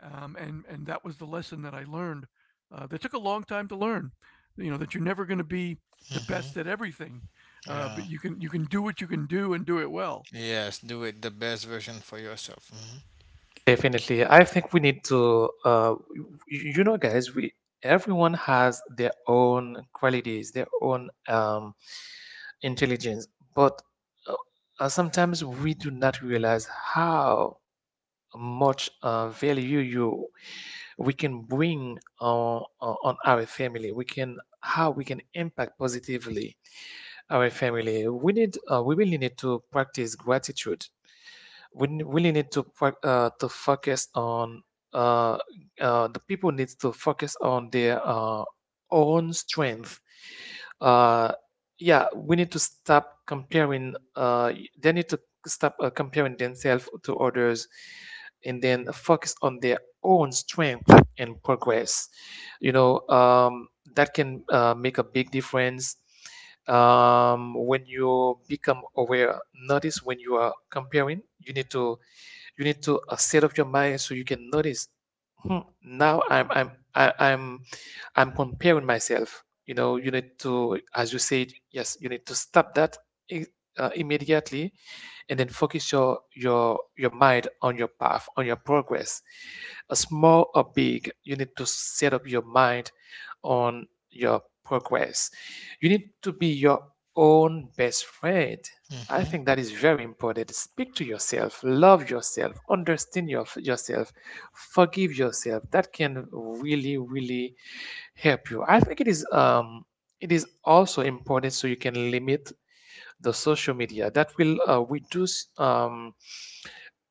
S2: And that was the lesson that I learned. That took a long time to learn. You know that you're never going to be the
S3: Mm-hmm.
S2: best at everything, but
S3: Yeah.
S2: you can do what you can do and do it well.
S3: Yes. Do it the best version for yourself.
S1: Definitely. I think we need to you, you know, guys, we, everyone has their own qualities, their own intelligence, but uh, sometimes we do not realize how much value you we can bring on our family. We can, how we can impact positively our family. We need we really need to practice gratitude. Really need to focus on, uh, the people needs to focus on their own strength. Uh, yeah, we need to stop comparing. They need to stop comparing themselves to others, and then focus on their own strength and progress. You know, that can make a big difference, when you become aware. Notice when you are comparing. You need to, set up your mind so you can notice. Hmm, now I'm I, I'm comparing myself. You know, you need to, as you said, yes, you need to stop that i- immediately, and then focus your mind on your path, on your progress, a small or big. You need to set up your mind on your progress. You need to be your own best friend. I
S3: Mm-hmm.
S1: think that is very important. Speak to yourself, love yourself, understand yourself, forgive yourself. That can really, really help you. I think it is also important, so you can limit the social media. That will reduce,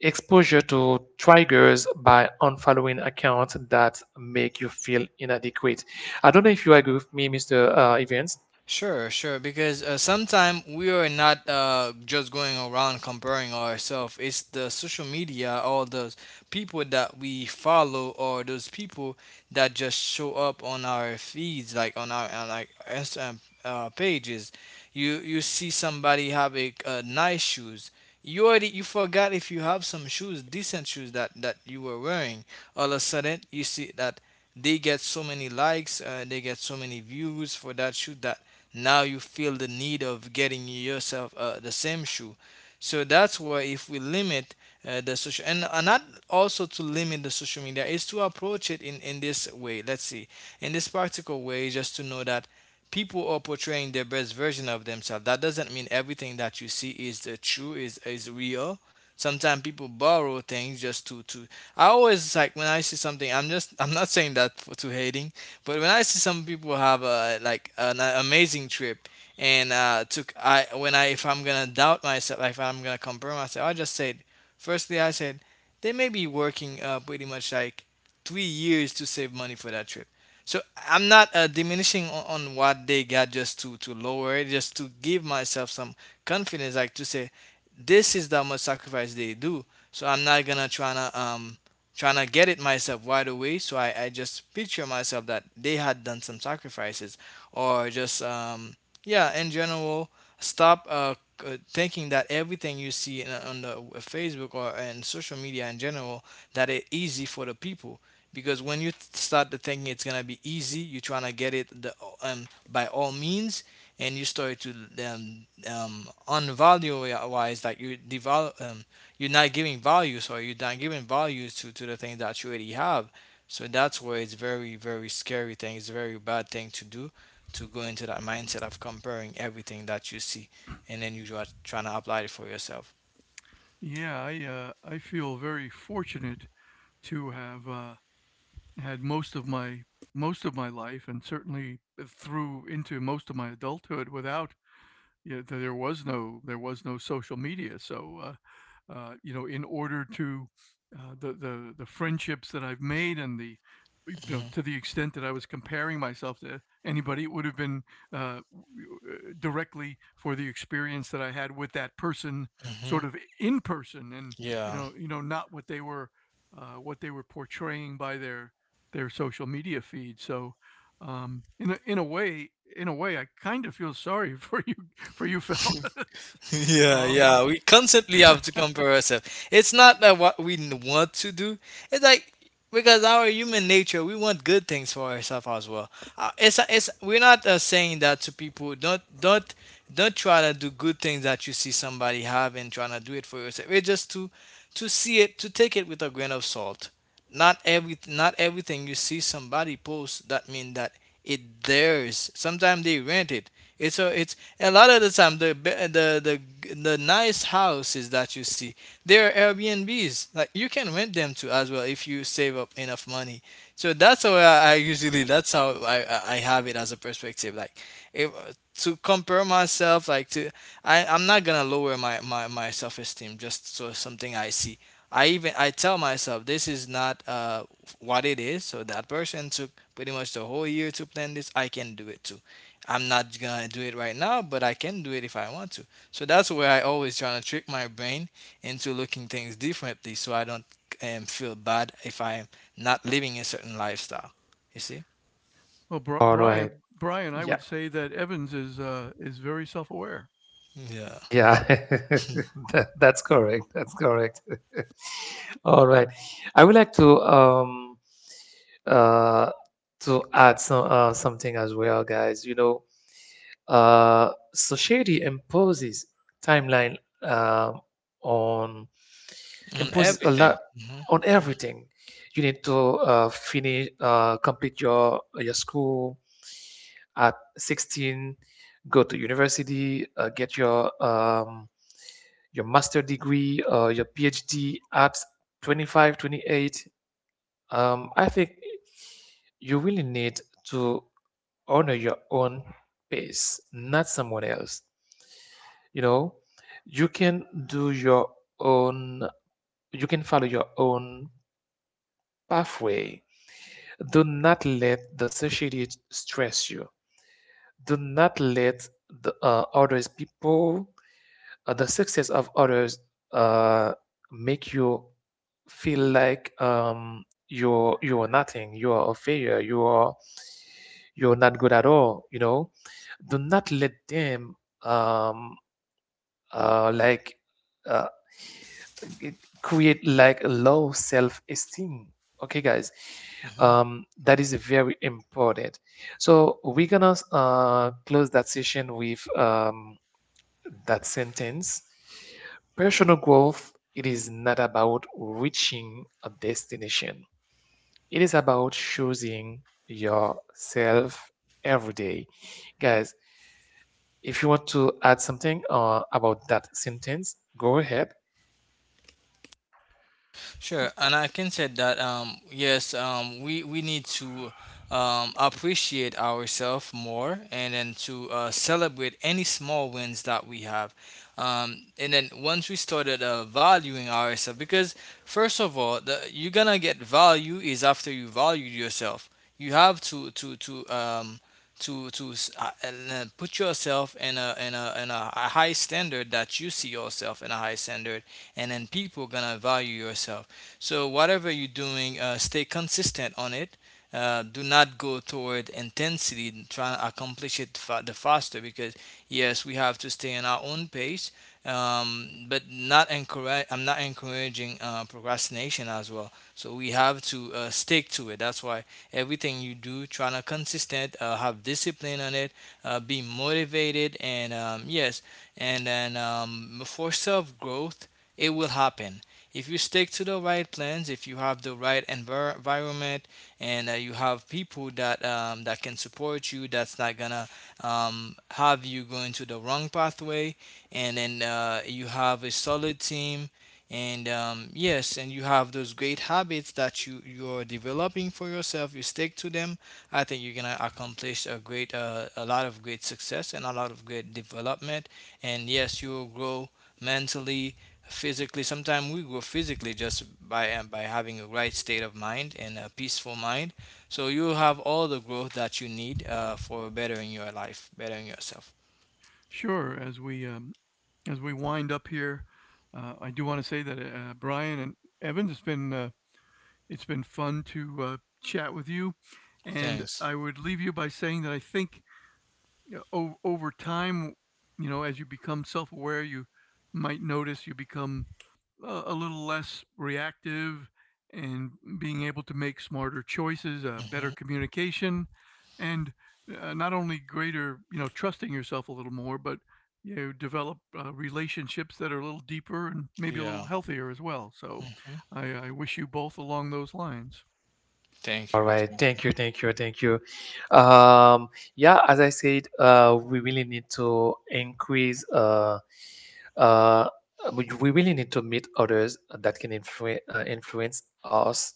S1: exposure to triggers by unfollowing accounts that make you feel inadequate. I don't know if you agree with me, Mr. Evans.
S3: Sure, sure. Because sometimes we are not just going around comparing ourselves. It's the social media, all those people that we follow, or those people that just show up on our feeds, like on like Instagram pages. You see somebody have a nice shoes. You already you forgot if you have some shoes, decent shoes that you were wearing. All of a sudden, you see that they get so many likes, they get so many views for that shoe that now you feel the need of getting yourself the same shoe. So that's why if we limit the social and not also to limit the social media is to approach it in this way. Let's see, in this practical way, just to know that people are portraying their best version of themselves. That doesn't mean everything that you see is the true is real sometimes people borrow things just to I always like when I see something. I'm just, I'm not saying that to hating, but when I see some people have a like an amazing trip and took I when I if I'm gonna doubt myself, like if I'm gonna compare myself, I just said, firstly I said, they may be working pretty much like 3 years to save money for that trip. So I'm not diminishing on what they got, just to lower it, just to give myself some confidence, like to say this is the much sacrifice they do. So I'm not gonna try to trying to get it myself right away. So I just picture myself that they had done some sacrifices or just, yeah, in general, stop thinking that everything you see in, on the Facebook or in social media in general, that it easy for the people. Because when you start to thinking it's gonna be easy, you're trying to get it by all means, and you start to um, unvalue wise, like you develop, you're not giving values or you're not giving values to the things that you already have. So that's where it's very, very scary thing. It's a very bad thing to do to go into that mindset of comparing everything that you see and then you are trying to apply it for yourself.
S2: Yeah, I feel very fortunate to have had most of my life and certainly through into most of my adulthood without, yeah, there was no social media, so you know, in order to the friendships that I've made and the, you know,
S3: Hmm.
S2: to the extent that I was comparing myself to anybody, it would have been uh, directly for the experience that I had with that person,
S3: Hmm.
S2: sort of in person, and,
S3: Yeah.
S2: you know, not what they were what they were portraying by their social media feed. So in a way, in a way, I kind of feel sorry for you, for you fellas.
S3: Yeah,
S2: Um,
S3: yeah. We constantly have to compare ourselves. It's not that what we want to do. It's like, because our human nature, we want good things for ourselves as well. It's we're not saying that to people. Don't, don't try to do good things that you see somebody have and trying to do it for yourself. It's just to see it, to take it with a grain of salt. Not every, not everything you see somebody post that mean that it theirs. Sometimes they rent it. It's a, it's a lot of the time the be- the nice houses that you see, they are Airbnbs. Like you can rent them too as well if you save up enough money. So that's how I usually, that's how I have it as a perspective. Like if, to compare myself like to I'm not gonna lower my self esteem just so something I see. I even I tell myself this is not what it is. So that person took pretty much the whole year to plan this. I can do it too. I'm not gonna do it right now, but I can do it if I want to. So that's where I always try to trick my brain into looking things differently, so I don't feel bad if I'm not living a certain lifestyle. You see?
S2: well,
S1: All right.
S2: Brian, Brian, I
S1: Yeah,
S2: would say that Evans is very self-aware.
S3: Yeah.
S1: yeah. That's correct. That's correct. All right, I would like uh to add something as well, guys. You know, society imposes timeline, on
S3: On
S1: imposes a
S3: everything.
S1: lot on everything. You need to finish, complete your school at 16, go to university, get your master degree or your PhD at 25, 28. I think you really need to honor your own pace, not someone else. You know, you can do your own, you can follow your own pathway. Do not let the society stress you. Do not let the others people, the success of others, uh, make you feel like, you're nothing, you are a failure, you're not good at all. You know, do not let them, um, uh, like uh, create, like, low self-esteem. Okay, guys,
S3: Hmm.
S1: that is very important. So we're gonna close that session with, that sentence. Personal growth, it is not about reaching a destination. It is about choosing yourself every day. Guys, if you want to add something about that sentence, go ahead.
S3: Sure, and I can say that yes, we need to appreciate ourselves more, and then to celebrate any small wins that we have. And then once we started valuing ourselves, because first of all, the, you're gonna get value is after you value yourself. You have to s- and, put yourself in a, in a high standard, that you see yourself in a high standard, and then people gonna value yourself. So, whatever you're doing, stay consistent on it. Do not go toward intensity and try to accomplish it the faster because, yes, we have to stay in our own pace. But not encourage. I'm not encouraging procrastination as well. So we have to stick to it. That's why everything you do, trying to consistent, have discipline on it, be motivated, and yes, and then for self growth, it will happen. If you stick to the right plans, if you have the right environment, and you have people that that can support you, that's not gonna have you going to the wrong pathway, and then you have a solid team, and yes, and you have those great habits that you're developing for yourself. You stick to them. I think you're gonna accomplish a great, a lot of great success and a lot of great development. And yes, you will grow mentally, physically. Sometimes we grow physically just by having a right state of mind and a peaceful mind, so you have all the growth that you need for bettering your life, bettering yourself.
S2: Sure, as we wind up here, I do want to say that Brian and Evans, it's been fun to chat with you, and
S3: Thanks.
S2: I would leave you by saying that I think, you know, over time, you know, as you become self-aware, you might notice you become a little less reactive, and being able to make smarter choices, better
S3: Hmm.
S2: communication, and not only greater, you know, trusting yourself a little more, but you know, develop relationships that are a little deeper and maybe a little
S3: Yeah.
S2: healthier as well. So,
S3: Hmm.
S2: I wish you both along those lines.
S3: Thank
S1: All
S3: you,
S1: right.
S3: thank you.
S1: Thank you. Thank you. Thank you. Um, yeah, as I said, we really need to increase. Uh, we really need to meet others that can influence us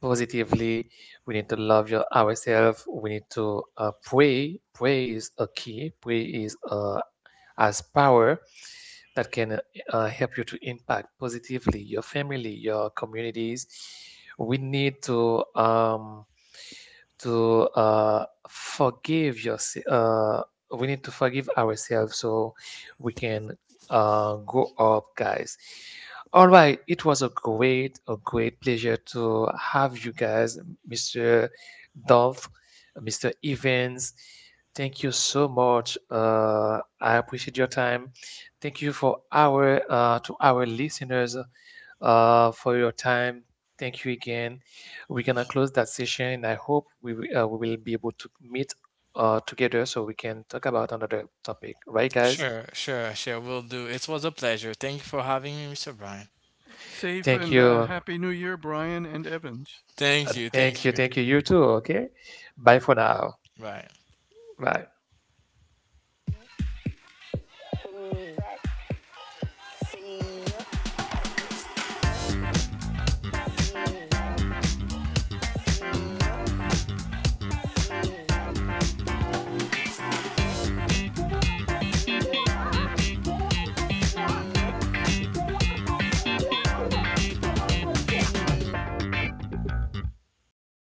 S1: positively. We need to love ourselves. We need to pray. Pray is a key. Pray is, as power, that can help you to impact positively your family, your communities. We need to forgive your, uh, we need to forgive ourselves, so we can go up, guys. All right, it was a great pleasure to have you guys, Mr. Dolph, Mr. Evans. Thank you so much. I appreciate your time. Thank you for our to our listeners for your time. Thank you again. We're gonna close that session. I hope we will be able to meet together, so we can talk about another topic. Right, guys?
S3: Sure, sure, sure, will do. It was a pleasure. Thank you for having me, Mr. Brian.
S2: Safe
S1: Thank
S2: and
S1: you.
S2: happy New Year, Brian and Evans.
S3: Thank you,
S1: Thank
S3: thank
S1: you.
S3: you.
S1: Thank you. You too. Okay. Bye for now.
S3: Bye.
S1: Bye.